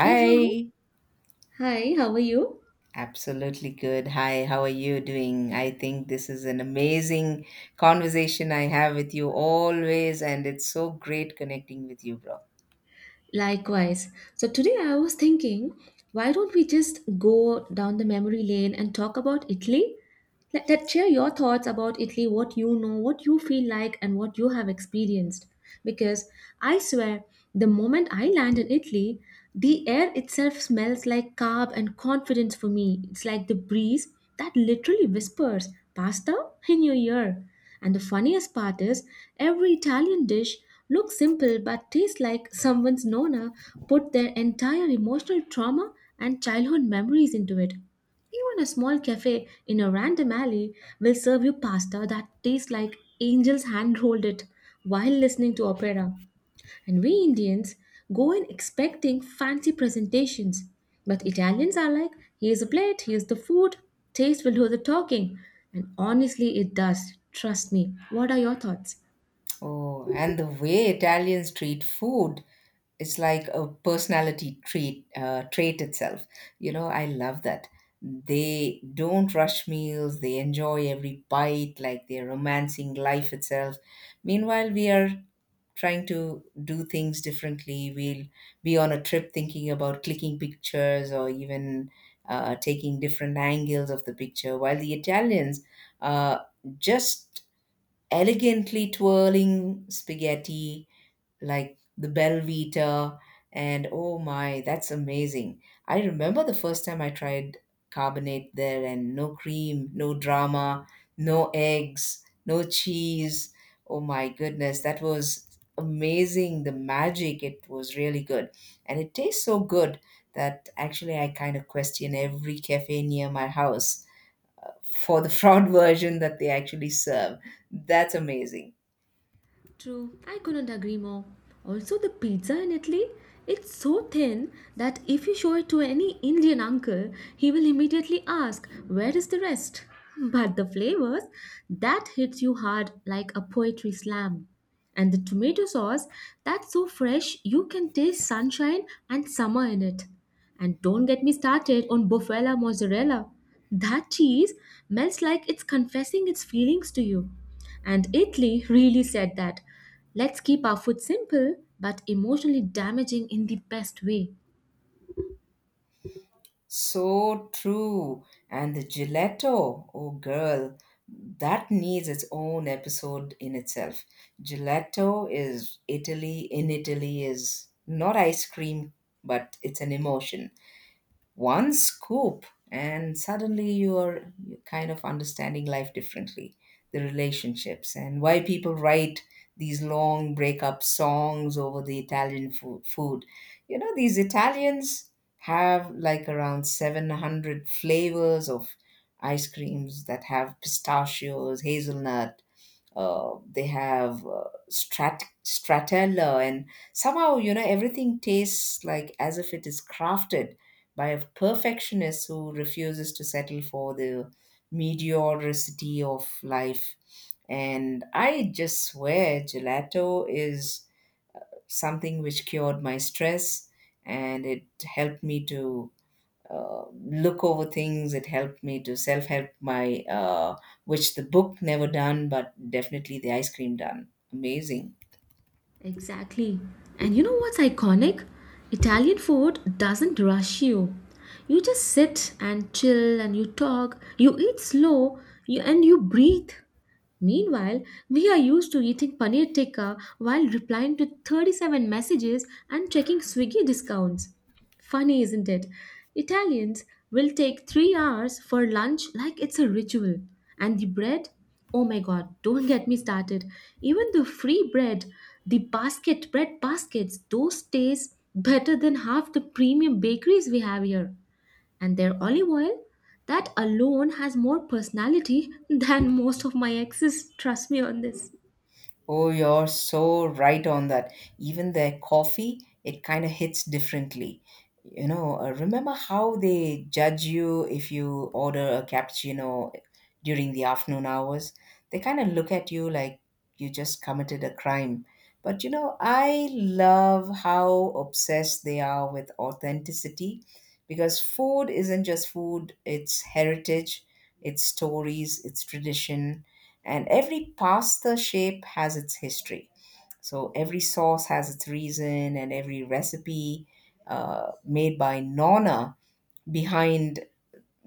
Hey, hello. Hi, how are you? absolutely good. Hi, how are you doing? I think this is an amazing conversation I have with you always, and it's so great connecting with you, bro. Likewise. So today I was thinking, why don't we just go down the memory lane and talk about Italy? Let that share your thoughts about Italy, what you know, what you feel like, and what you have experienced. Because I swear, the moment I land in Italy, the air itself smells like carb and confidence for me. It's like the breeze that literally whispers pasta in your ear. And the funniest part is, every Italian dish look simple but tastes like someone's nonna put their entire emotional trauma and childhood memories into it. Even a small cafe in a random alley will serve you pasta that tastes like angels hand rolled it while listening to opera. And we Indians go in expecting fancy presentations. But Italians are like, here's a plate, here's the food, taste will do the talking. And honestly, it does. Trust me. What are your thoughts? Oh, and the way Italians treat food is like a personality trait itself. You know, I love that. They don't rush meals, they enjoy every bite like they're romancing life itself. Meanwhile, we are trying to do things differently. We'll be on a trip thinking about clicking pictures or even taking different angles of the picture, while the Italians are just elegantly twirling spaghetti like the Belvita, and oh my, that's amazing. I remember the first time I tried carbonate there, and no cream, no drama, no eggs, no cheese. Oh my goodness, that was amazing. The magic, it was really good. And it tastes so good that actually I kind of question every cafe near my house for the fraud version that they actually serve. That's amazing. True, I couldn't agree more. Also, the pizza in Italy, it's so thin that if you show it to any Indian uncle, he will immediately ask, where is the rest? But the flavors, that hits you hard like a poetry slam. And the tomato sauce, that's so fresh you can taste sunshine and summer in it. And don't get me started on bufala mozzarella. That cheese melts like it's confessing its feelings to you. And Italy really said that let's keep our food simple but emotionally damaging in the best way. So true. And the gelato, oh girl, that needs its own episode in itself. Gelato is Italy in Italy is not ice cream, but it's an emotion one scoop and suddenly you're kind of understanding life differently, the relationships and why people write these long breakup songs over the italian food. You know, these italians have like around 700 flavors of ice creams that have pistachios, hazelnut, they have strat stratella, and somehow you know everything tastes like as if it is crafted by a perfectionist who refuses to settle for the mediocrity of life. And I just swear gelato is something which cured my stress and it helped me to look over things. It helped me to self help my, which the book never done, but definitely the ice cream done. Amazing. Exactly. And you know what's iconic? Italian food doesn't rush you. You just sit and chill and you talk, you eat slow, you and you breathe. Meanwhile, we are used to eating paneer tikka while replying to 37 messages and checking Swiggy discounts. Funny, isn't it? Italians will take 3 hours for lunch like it's a ritual. And the bread? Oh my god, don't get me started. Even the free bread, the basket bread baskets, those taste better than half the premium bakeries we have here and their olive oil, that alone has more personality than most of my exes. Trust me on this. Oh, you're so right on that. Even their coffee, it kind of hits differently. You know, remember how they judge you if you order a cappuccino during the afternoon hours? They kind of look at you like you just committed a crime. But you know, I love how obsessed they are with authenticity because food isn't just food, it's heritage, it's stories, it's tradition, and every pasta shape has its history. So every sauce has its reason, and every recipe made by Nonna, behind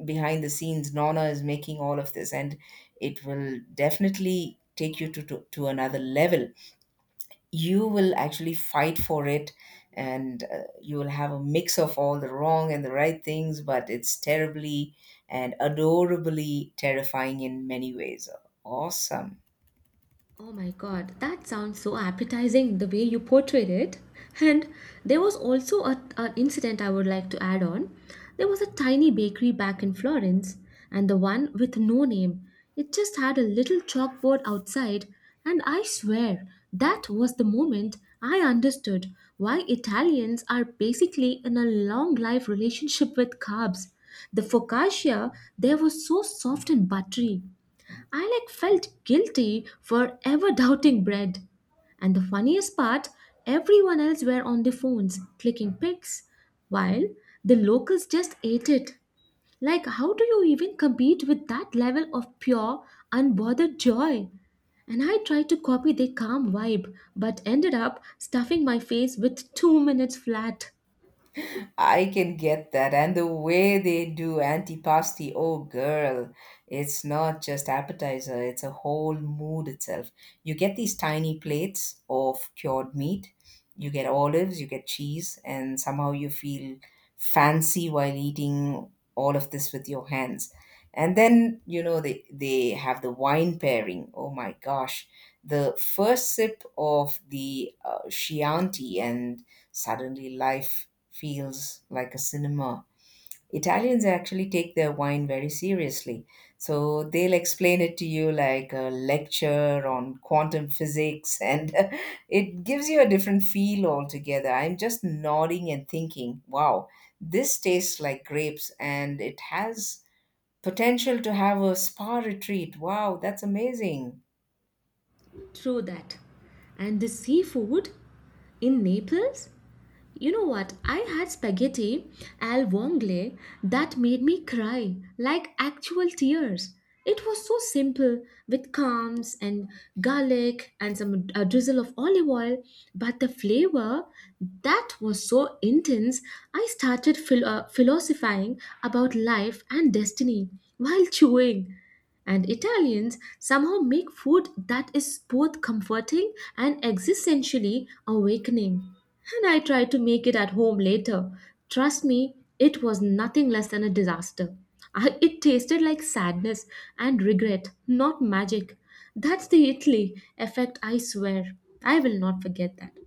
behind the scenes, Nonna is making all of this, and it will definitely take you to another level. You will actually fight for it, and you will have a mix of all the wrong and the right things, but it's terribly and adorably terrifying in many ways. Awesome. Oh my god, that sounds so appetizing the way you portrayed it. And there was also a, an incident I would like to add on. There was a tiny bakery back in Florence, and the one with no name. It just had a little chalkboard outside, and I swear that was the moment I understood why Italians are basically in a long life relationship with carbs. The focaccia there was so soft and buttery, I like felt guilty for ever doubting bread. And the funniest part, everyone else were on their phones clicking pics while the locals just ate it. Like how do you even compete with that level of pure unbothered joy? And I tried to copy their calm vibe but ended up stuffing my face with 2 minutes flat. I can get that. And the way they do antipasti, oh girl, it's not just appetizer, it's a whole mood itself. You get these tiny plates of cured meat, you get olives, you get cheese, and somehow you feel fancy while eating all of this with your hands. And then, you know, they have the wine pairing. Oh my gosh. The first sip of the Chianti, and suddenly life feels like a cinema. Italians actually take their wine very seriously. So they'll explain it to you like a lecture on quantum physics, and it gives you a different feel altogether. I'm just nodding and thinking, wow, this tastes like grapes and it has potential to have a spa retreat. Wow, that's amazing. True that. And the seafood in Naples? You know what? I had spaghetti al vongole that made me cry like actual tears. It was so simple with crumbs and garlic and some a drizzle of olive oil, but the flavor that was so intense. I started philosophizing about life and destiny while chewing. And Italians somehow make food that is both comforting and existentially awakening. And I tried to make it at home later. Trust me, it was nothing less than a disaster. I, it tasted like sadness and regret, not magic. That's the Italy effect, I swear. I will not forget that.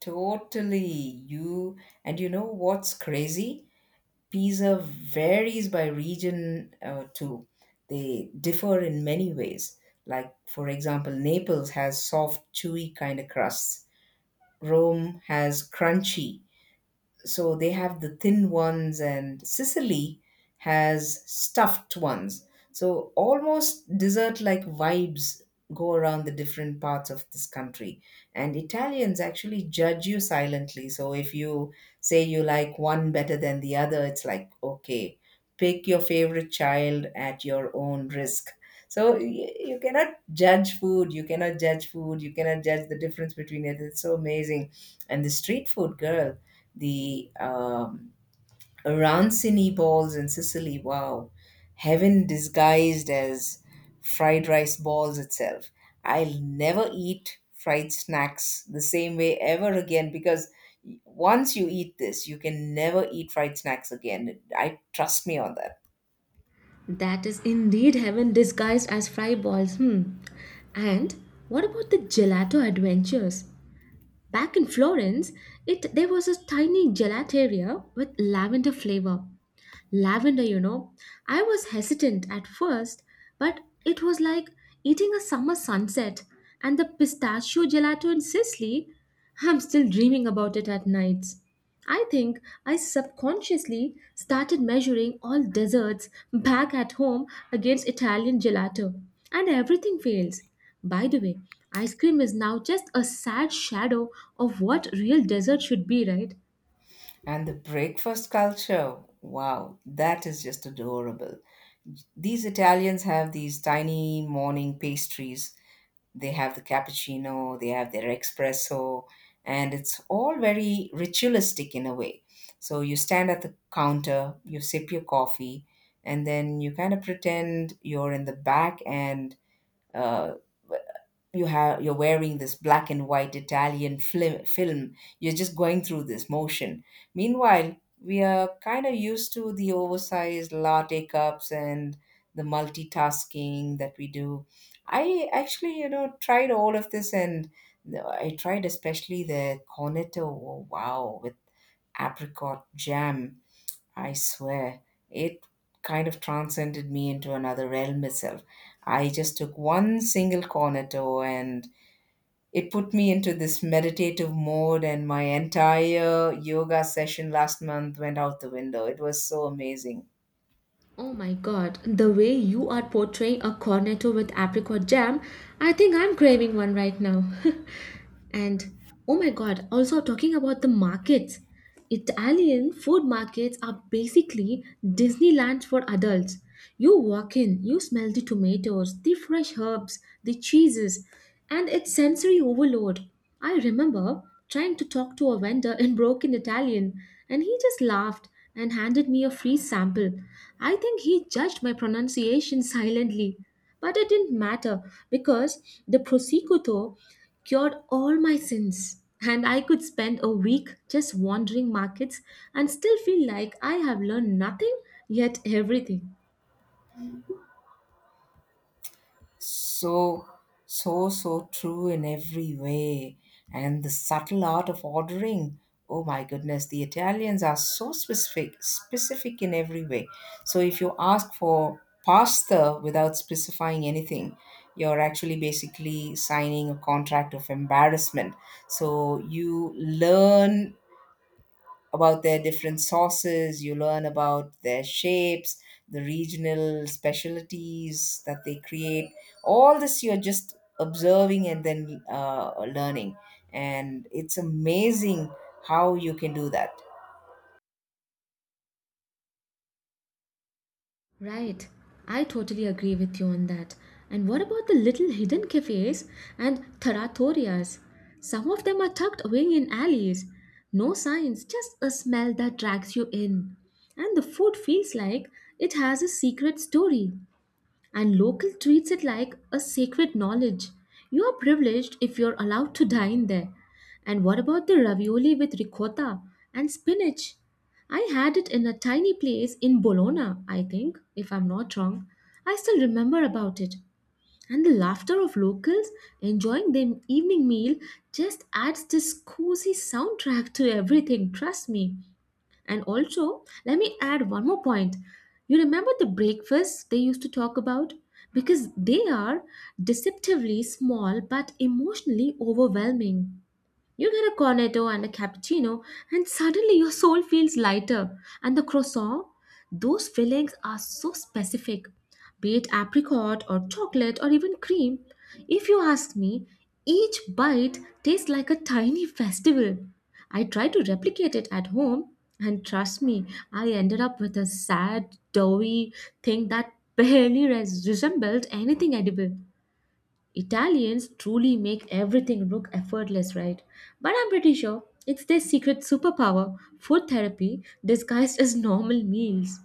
Totally. And you know what's crazy? Pizza varies by region too. They differ in many ways. Like, for example, Naples has soft, chewy kind of crusts, Rome has crunchy, so they have the thin ones, and Sicily has stuffed ones, so almost dessert like vibes go around the different parts of this country. And Italians actually judge you silently. So if you say you like one better than the other, it's like okay, pick your favorite child at your own risk. so y- you cannot judge food, you cannot judge the difference between it, it's so amazing. And the street food girl, the arancini balls in Sicily, wow, heaven disguised as fried rice balls itself. I'll never eat fried snacks the same way ever again because once you eat this, you can never eat fried snacks again. I trust me on that. That is indeed heaven disguised as fry balls. Hmm. And what about the gelato adventures? Back in Florence, it there was a tiny gelateria with lavender flavor. Lavender, you know. I was hesitant at first, but it was like eating a summer sunset. And the pistachio gelato in Sicily, I'm still dreaming about it at nights. I think I subconsciously started measuring all desserts back at home against Italian gelato, and everything fails. By the way, ice cream is now just a sad shadow of what real dessert should be, right? And the breakfast culture, wow, that is just adorable. These Italians have these tiny morning pastries, they have the cappuccino, they have their espresso, and it's all very ritualistic in a way. So you stand at the counter, you sip your coffee, and then you kind of pretend you're in the back and uh, you're wearing this black and white Italian film. You're just going through this motion. Meanwhile, we are kind of used to the oversized latte cups and the multitasking that we do. I actually, you know, tried all of this and I tried especially the cornetto. Oh, wow, with apricot jam. I swear, it kind of transcended me into another realm itself. I just took one single cornetto and it put me into this meditative mode, and my entire yoga session last month went out the window. It was so amazing. Oh my god, the way you are portraying a cornetto with apricot jam, I think I'm craving one right now. And oh my god, also talking about the markets, Italian food markets are basically Disneyland for adults. You walk in, you smell the tomatoes, the fresh herbs, the cheeses, and it's sensory overload. I remember trying to talk to a vendor in broken Italian, and he just laughed and handed me a free sample. I think he judged my pronunciation silently. But it didn't matter because the Prosecco cured all my sins. And I could spend a week just wandering markets and still feel like I have learned nothing yet everything. so so true in every way. And the subtle art of ordering, oh my goodness, the italians are so specific in every way. So if you ask for pasta without specifying anything, you're actually basically signing a contract of embarrassment. So you learn about their different sauces, you learn about their shapes, the regional specialties that they create. All this you're just observing and then learning. And it's amazing how you can do that. Right. I totally agree with you on that. And what about the little hidden cafes and trattorias? Some of them are tucked away in alleys. No signs, just a smell that drags you in. And the food feels like it has a secret story and local treats it like a sacred knowledge. You are privileged if you're allowed to dine there. And what about the ravioli with ricotta and spinach? I had it in a tiny place in Bologna, I think, if I'm not wrong. I still remember about it. And the laughter of locals enjoying their evening meal just adds this cozy soundtrack to everything, trust me. And also, let me add one more point. You remember the breakfasts they used to talk about? Because they are deceptively small but emotionally overwhelming. You get a cornetto and a cappuccino, and suddenly your soul feels lighter. And the croissant, those fillings are so specific, be it apricot or chocolate or even cream. If you ask me, each bite tastes like a tiny festival. I tried to replicate it at home, and trust me, I ended up with a sad, doughy thing that barely resembled anything edible. Italians truly make everything look effortless, right? But I'm pretty sure it's their secret superpower food therapy disguised as normal meals.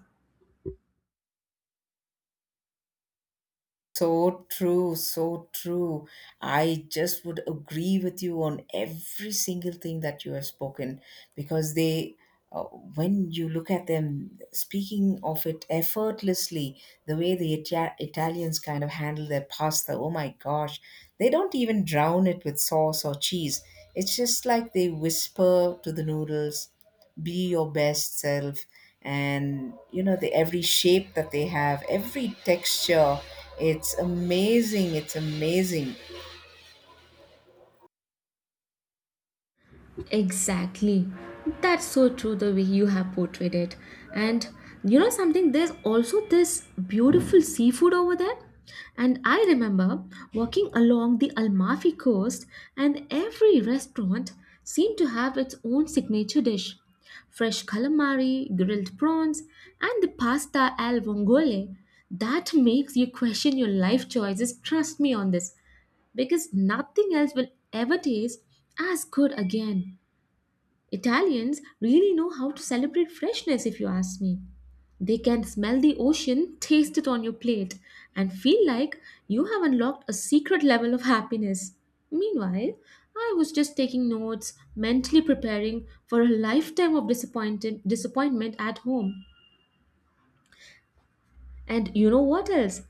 So true, so true. I just would agree with you on every single thing that you have spoken because when you look at them speaking of it effortlessly, the way the Italians kind of handle their pasta, oh my gosh, they don't even drown it with sauce or cheese. It's just like they whisper to the noodles, be your best self. And you know, the every shape that they have, every texture, it's amazing, it's amazing. Exactly. That's so true the way you have portrayed it. And you know something, there's also this beautiful seafood over there. And I remember walking along the Almafi coast, and every restaurant seemed to have its own signature dish. Fresh calamari, grilled prawns, and the pasta al vongole. That makes you question your life choices. Trust me on this because nothing else will ever taste as good again. Italians really know how to celebrate freshness, if you ask me. They can smell the ocean, taste it on your plate, and feel like you have unlocked a secret level of happiness. Meanwhile, I was just taking notes, mentally preparing for a lifetime of disappointed disappointment at home. And you know what else?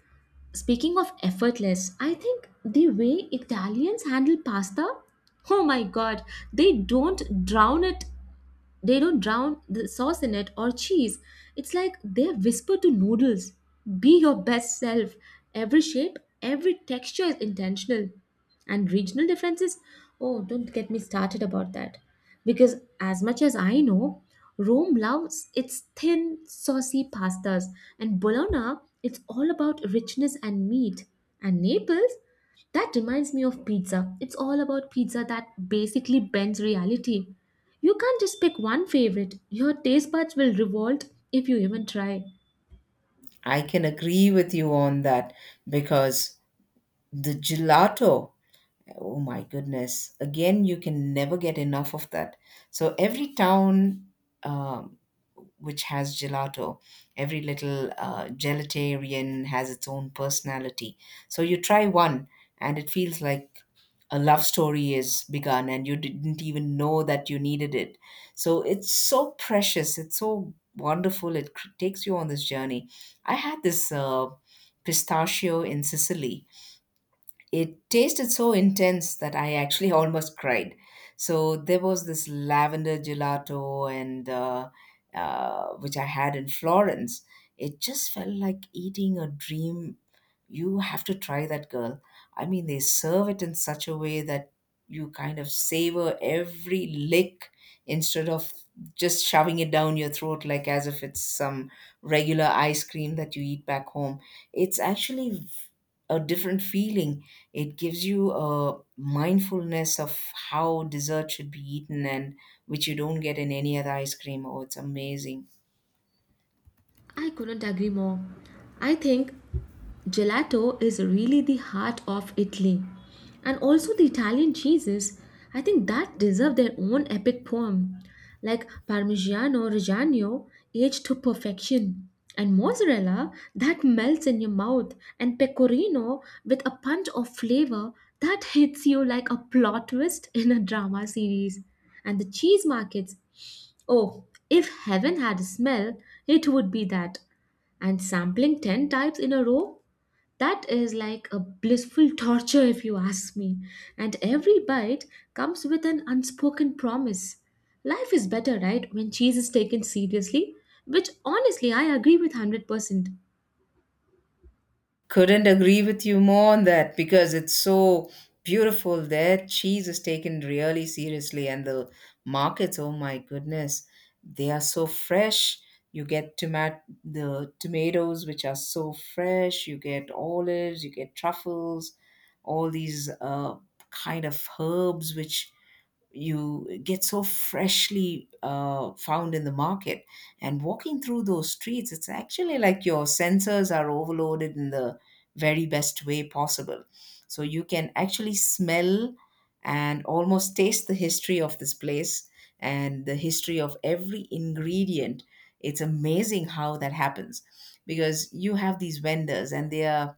Speaking of effortless, I think the way Italians handle pasta, oh my god, they don't drown it they don't drown the sauce in it or cheese. It's like they whisper to noodles. Be your best self. Every shape, every texture is intentional. And regional differences, oh, don't get me started about that. Because as much as I know, Rome loves its thin, saucy pastas, and Bologna, it's all about richness and meat. And Naples, that reminds me of pizza. It's all about pizza that basically bends reality. You can't just pick one favorite. Your taste buds will revolt if you even try. I can agree with you on that because the gelato, oh my goodness, again you can never get enough of that. So every town, um, which has gelato, every little gelatarian has its own personality. So you try one and it feels like a love story is begun and you didn't even know that you needed it. So it's so precious, it's so wonderful, it takes you on this journey. I had this pistachio in Sicily, it tasted so intense that I actually almost cried. So there was this lavender gelato, and which I had in Florence. It just felt like eating a dream. You have to try that, girl. I mean, they serve it in such a way that you kind of savor every lick instead of just shoving it down your throat like as if it's some regular ice cream that you eat back home. It's actually a different feeling. It gives you a mindfulness of how dessert should be eaten and which you don't get in any other ice cream. Oh, it's amazing. I couldn't agree more. I think gelato is really the heart of Italy. And also the Italian cheeses, I think that deserve their own epic poem, like Parmigiano Reggiano, aged to perfection, and mozzarella that melts in your mouth, and pecorino with a punch of flavor that hits you like a plot twist in a drama series. And the cheese markets, oh, if heaven had a smell, it would be that. And sampling 10 types in a row, that is like a blissful torture if you ask me. And every bite comes with an unspoken promise. Life is better, right, when cheese is taken seriously, which honestly I agree with 100%. Couldn't agree with you more on that because it's so beautiful there. Cheese is taken really seriously, and the markets, oh my goodness, they are so fresh. You get tomat the tomatoes, which are so fresh. You get olives, you get truffles, all these kind of herbs which you get so freshly found in the market, and walking through those streets, it's actually like your sensors are overloaded in the very best way possible. So you can actually smell and almost taste the history of this place and the history of every ingredient. It's amazing how that happens because you have these vendors and they are,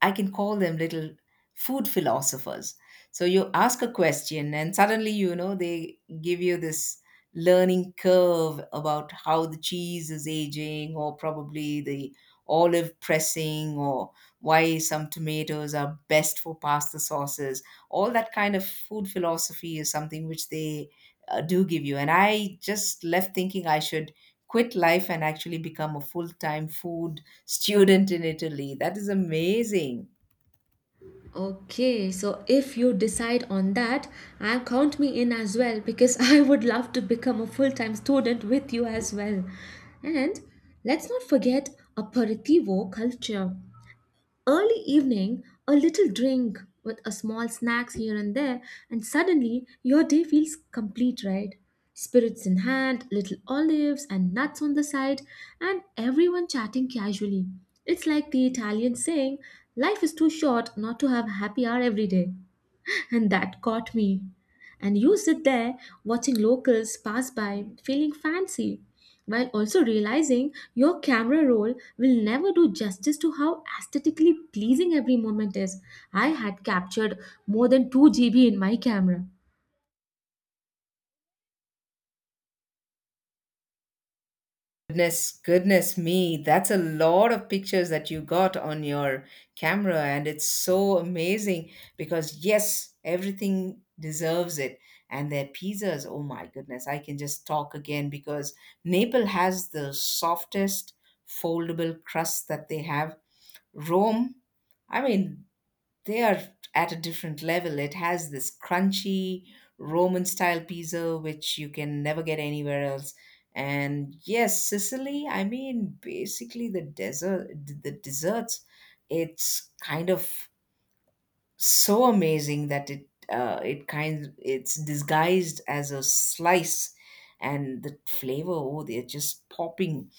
I can call them little food philosophers. So you ask a question, and suddenly, you know, they give you this learning curve about how the cheese is aging, or probably the olive pressing, or why some tomatoes are best for pasta sauces. All that kind of food philosophy is something which they do give you. And I just left thinking I should quit life and actually become a full time food student in Italy. That is amazing. Okay, so if you decide on that, and count me in as well because I would love to become a full time student with you as well. And let's not forget aperitivo culture. Early evening, a little drink with a small snacks here and there, and suddenly your day feels complete, right? Spirits in hand, little olives and nuts on the side, and everyone chatting casually. It's like the Italian saying, life is too short not to have happy hour every day, and that caught me. And you sit there watching locals pass by, feeling fancy, while also realizing your camera roll will never do justice to how aesthetically pleasing every moment is. I had captured more than 2 GB in my camera. Goodness, goodness me. That's a lot of pictures that you got on your camera, and it's so amazing because, yes, everything deserves it. And their pizzas, oh my goodness, I can just talk again because Naples has the softest foldable crust that they have. Rome, I mean, they are at a different level. It has this crunchy Roman style pizza which you can never get anywhere else. And yes, Sicily, I mean basically the desserts, it's kind of so amazing that it's disguised as a slice, and the flavor, oh, they're just popping.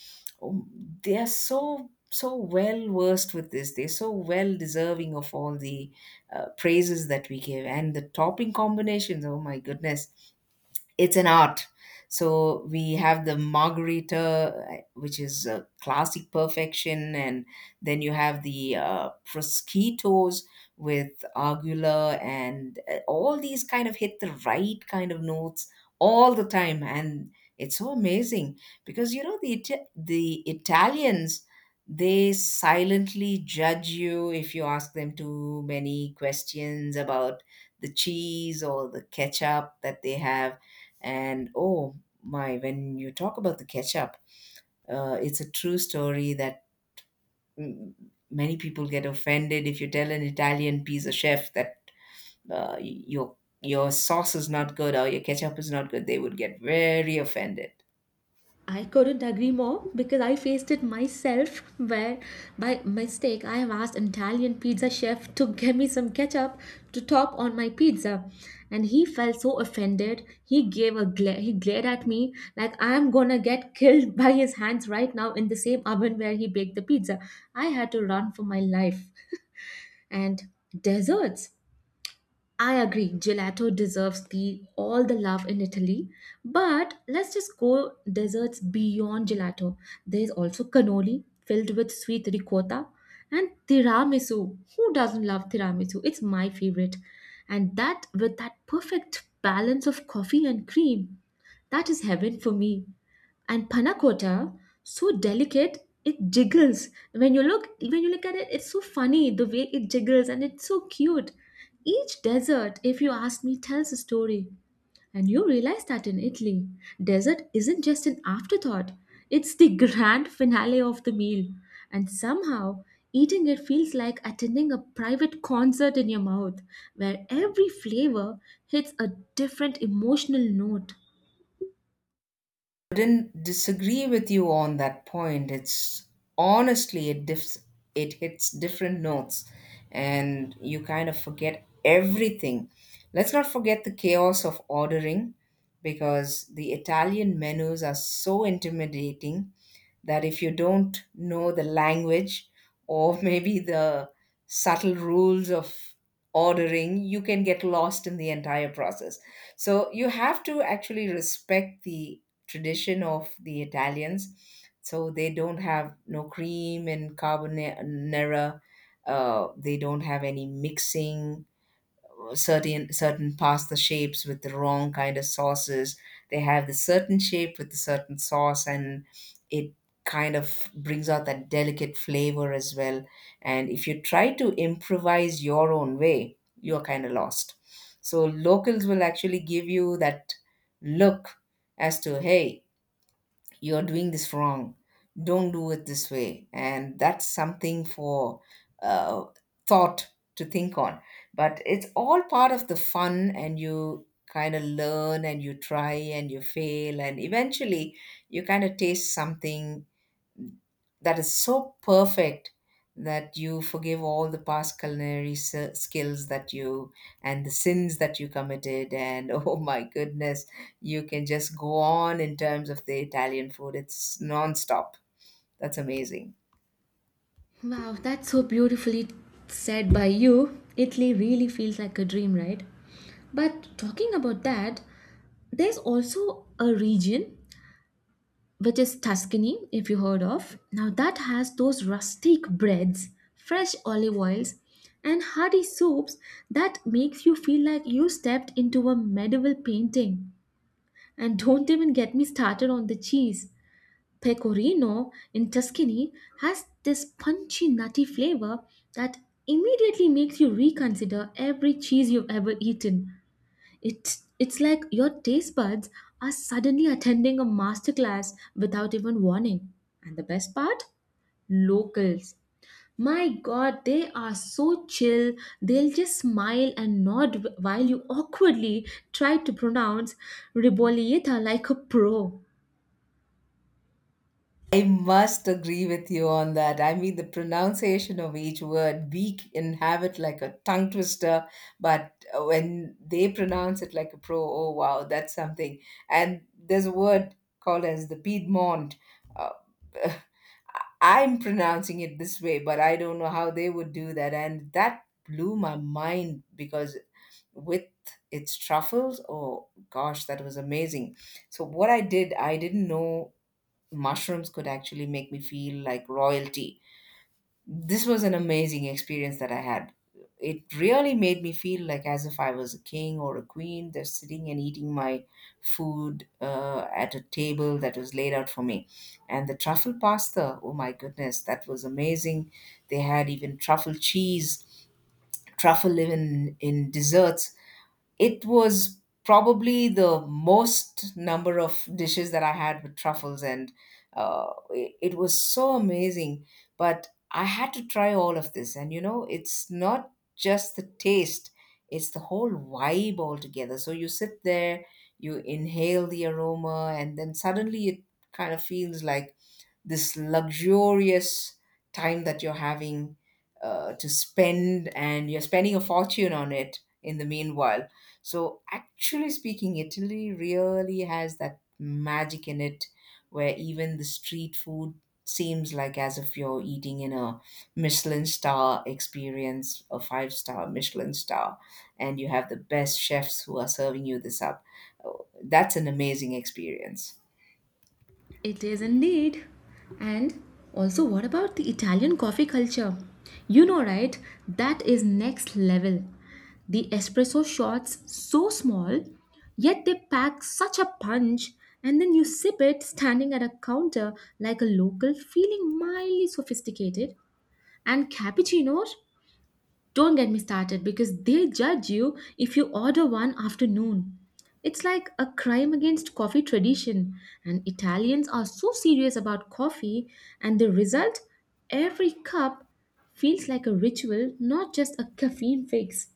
Oh, they are so well versed with this. They're so well deserving of all the praises that we give. And the topping combinations, oh my goodness, it's an art. So we have the margarita, which is a classic perfection, and then you have the prosciuttos with argula, and all these kind of hit the right kind of notes all the time, and it's so amazing because, you know, the Italians, they silently judge you if you ask them too many questions about the cheese or the ketchup that they have. And oh my, when you talk about the ketchup, it's a true story that, mm, many people get offended if you tell an Italian pizza chef that, your sauce is not good or your ketchup is not good. They would get very offended. I couldn't agree more because I faced it myself where by mistake I have asked an Italian pizza chef to give me some ketchup to top on my pizza, and he felt so offended. He gave a glare. He glared at me like I am gonna get killed by his hands right now in the same oven where he baked the pizza. I had to run for my life. And desserts, I agree, gelato deserves the all the love in Italy. But let's just go desserts beyond gelato. There's also cannoli filled with sweet ricotta and tiramisu. Who doesn't love tiramisu? It's my favorite. And that with that perfect balance of coffee and cream. That is heaven for me, and panna cotta so delicate it jiggles when you look at it. It's so funny the way it jiggles, and it's so cute. Each dessert, if you ask me, tells a story. And you realize that in Italy, dessert isn't just an afterthought. It's the grand finale of the meal. And somehow eating it feels like attending a private concert in your mouth where every flavor hits a different emotional note. Did not disagree with you on that point. It's honestly, it hits different notes and you kind of forget everything. Let's not forget the chaos of ordering, because the Italian menus are so intimidating that if you don't know the language, or maybe the subtle rules of ordering, you can get lost in the entire process. So you have to actually respect the tradition of the Italians. So they don't have no cream and carbonara. They don't have any mixing certain pasta shapes with the wrong kind of sauces. They have the certain shape with the certain sauce, and it kind of brings out that delicate flavor as well. And if you try to improvise your own way, you're kind of lost. So locals will actually give you that look, as to, hey, you're doing this wrong, don't do it this way. And that's something for uh, thought to think on. But it's all part of the fun, and you kind of learn and you try and you fail, and eventually you kind of taste something that is so perfect that you forgive all the past skills that you, and the sins that you committed, and oh my goodness, you can just go on in terms of the Italian food. It's non-stop. That's amazing. Wow, that's so beautifully said by you. Italy really feels like a dream, right? But talking about that, there's also a region which is Tuscany, if you heard of. Now, that has those rustic breads, fresh olive oils, and hearty soups that makes you feel like you stepped into a medieval painting. And don't even get me started on the cheese. Pecorino in Tuscany has this punchy, nutty flavor that immediately makes you reconsider every cheese you've ever eaten. It's like your taste buds are suddenly attending a masterclass without even warning. And the best part? Locals. My god, they are so chill. They'll just smile and nod while you awkwardly try to pronounce Ribolieta like a pro. I must agree with you on that. I mean, the pronunciation of each word, we can have it like a tongue twister, but when they pronounce it like a pro, oh wow, that's something. And there's a word called as the Piedmont. Uh, I'm pronouncing it this way, but I don't know how they would do that. And that blew my mind, because with its truffles, oh gosh, that was amazing. So, what I did, I didn't know mushrooms could actually make me feel like royalty. This was an amazing experience that I had. It really made me feel like as if I was a king or a queen, just sitting and eating my food at a table that was laid out for me. And the truffle pasta, oh my goodness, that was amazing. They had even truffle cheese, truffle even in desserts. It was probably the most number of dishes that I had with truffles, and it was so amazing. But I had to try all of this, and you know, it's not just the taste, it's the whole vibe altogether. So you sit there, you inhale the aroma, and then suddenly it kind of feels like this luxurious time that you're having to spend, and you're spending a fortune on it in the meanwhile. So, actually speaking, Italy really has that magic in it where even the street food seems like as if you're eating in a Michelin star experience, a five-star Michelin star, and you have the best chefs who are serving you this up. Oh, that's an amazing experience. It is indeed. And also, what about the Italian coffee culture? You know, right? That is next level. The espresso shots so small, yet they pack such a punch, and then you sip it standing at a counter like a local, feeling mildly sophisticated. And cappuccinos? Don't get me started because they judge you if you order one after noon. It's like a crime against coffee tradition, and Italians are so serious about coffee, and the result, every cup feels like a ritual, not just a caffeine fix.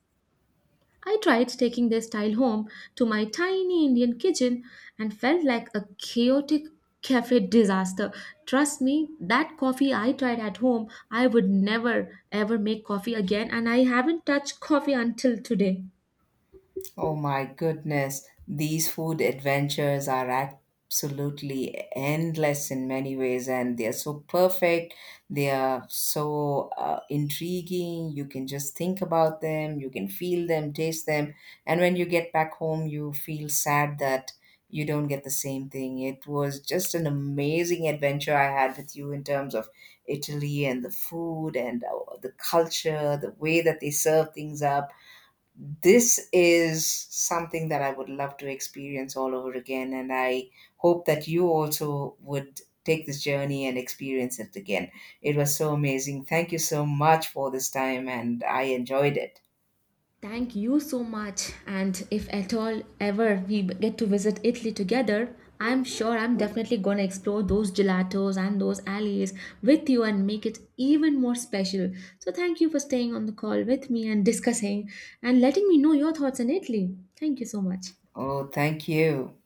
I tried taking their style home to my tiny Indian kitchen and felt like a chaotic cafe disaster. Trust me, that coffee I tried at home, I would never ever make coffee again, and I haven't touched coffee until today. Oh my goodness, these food adventures are absolutely endless in many ways, and they are so perfect. They are so intriguing. You can just think about them, you can feel them, taste them. And when you get back home, you feel sad that you don't get the same thing. It was just an amazing adventure I had with you in terms of Italy and the food and the culture, the way that they serve things up. This is something that I would love to experience all over again. And I hope that you also would take this journey and experience it again. It was so amazing. Thank you so much for this time, and I enjoyed it. Thank you so much. And if at all ever we get to visit Italy together, I'm sure I'm definitely going to explore those gelatos and those alleys with you and make it even more special. So, thank you for staying on the call with me and discussing and letting me know your thoughts on Italy. Thank you so much. Oh, thank you.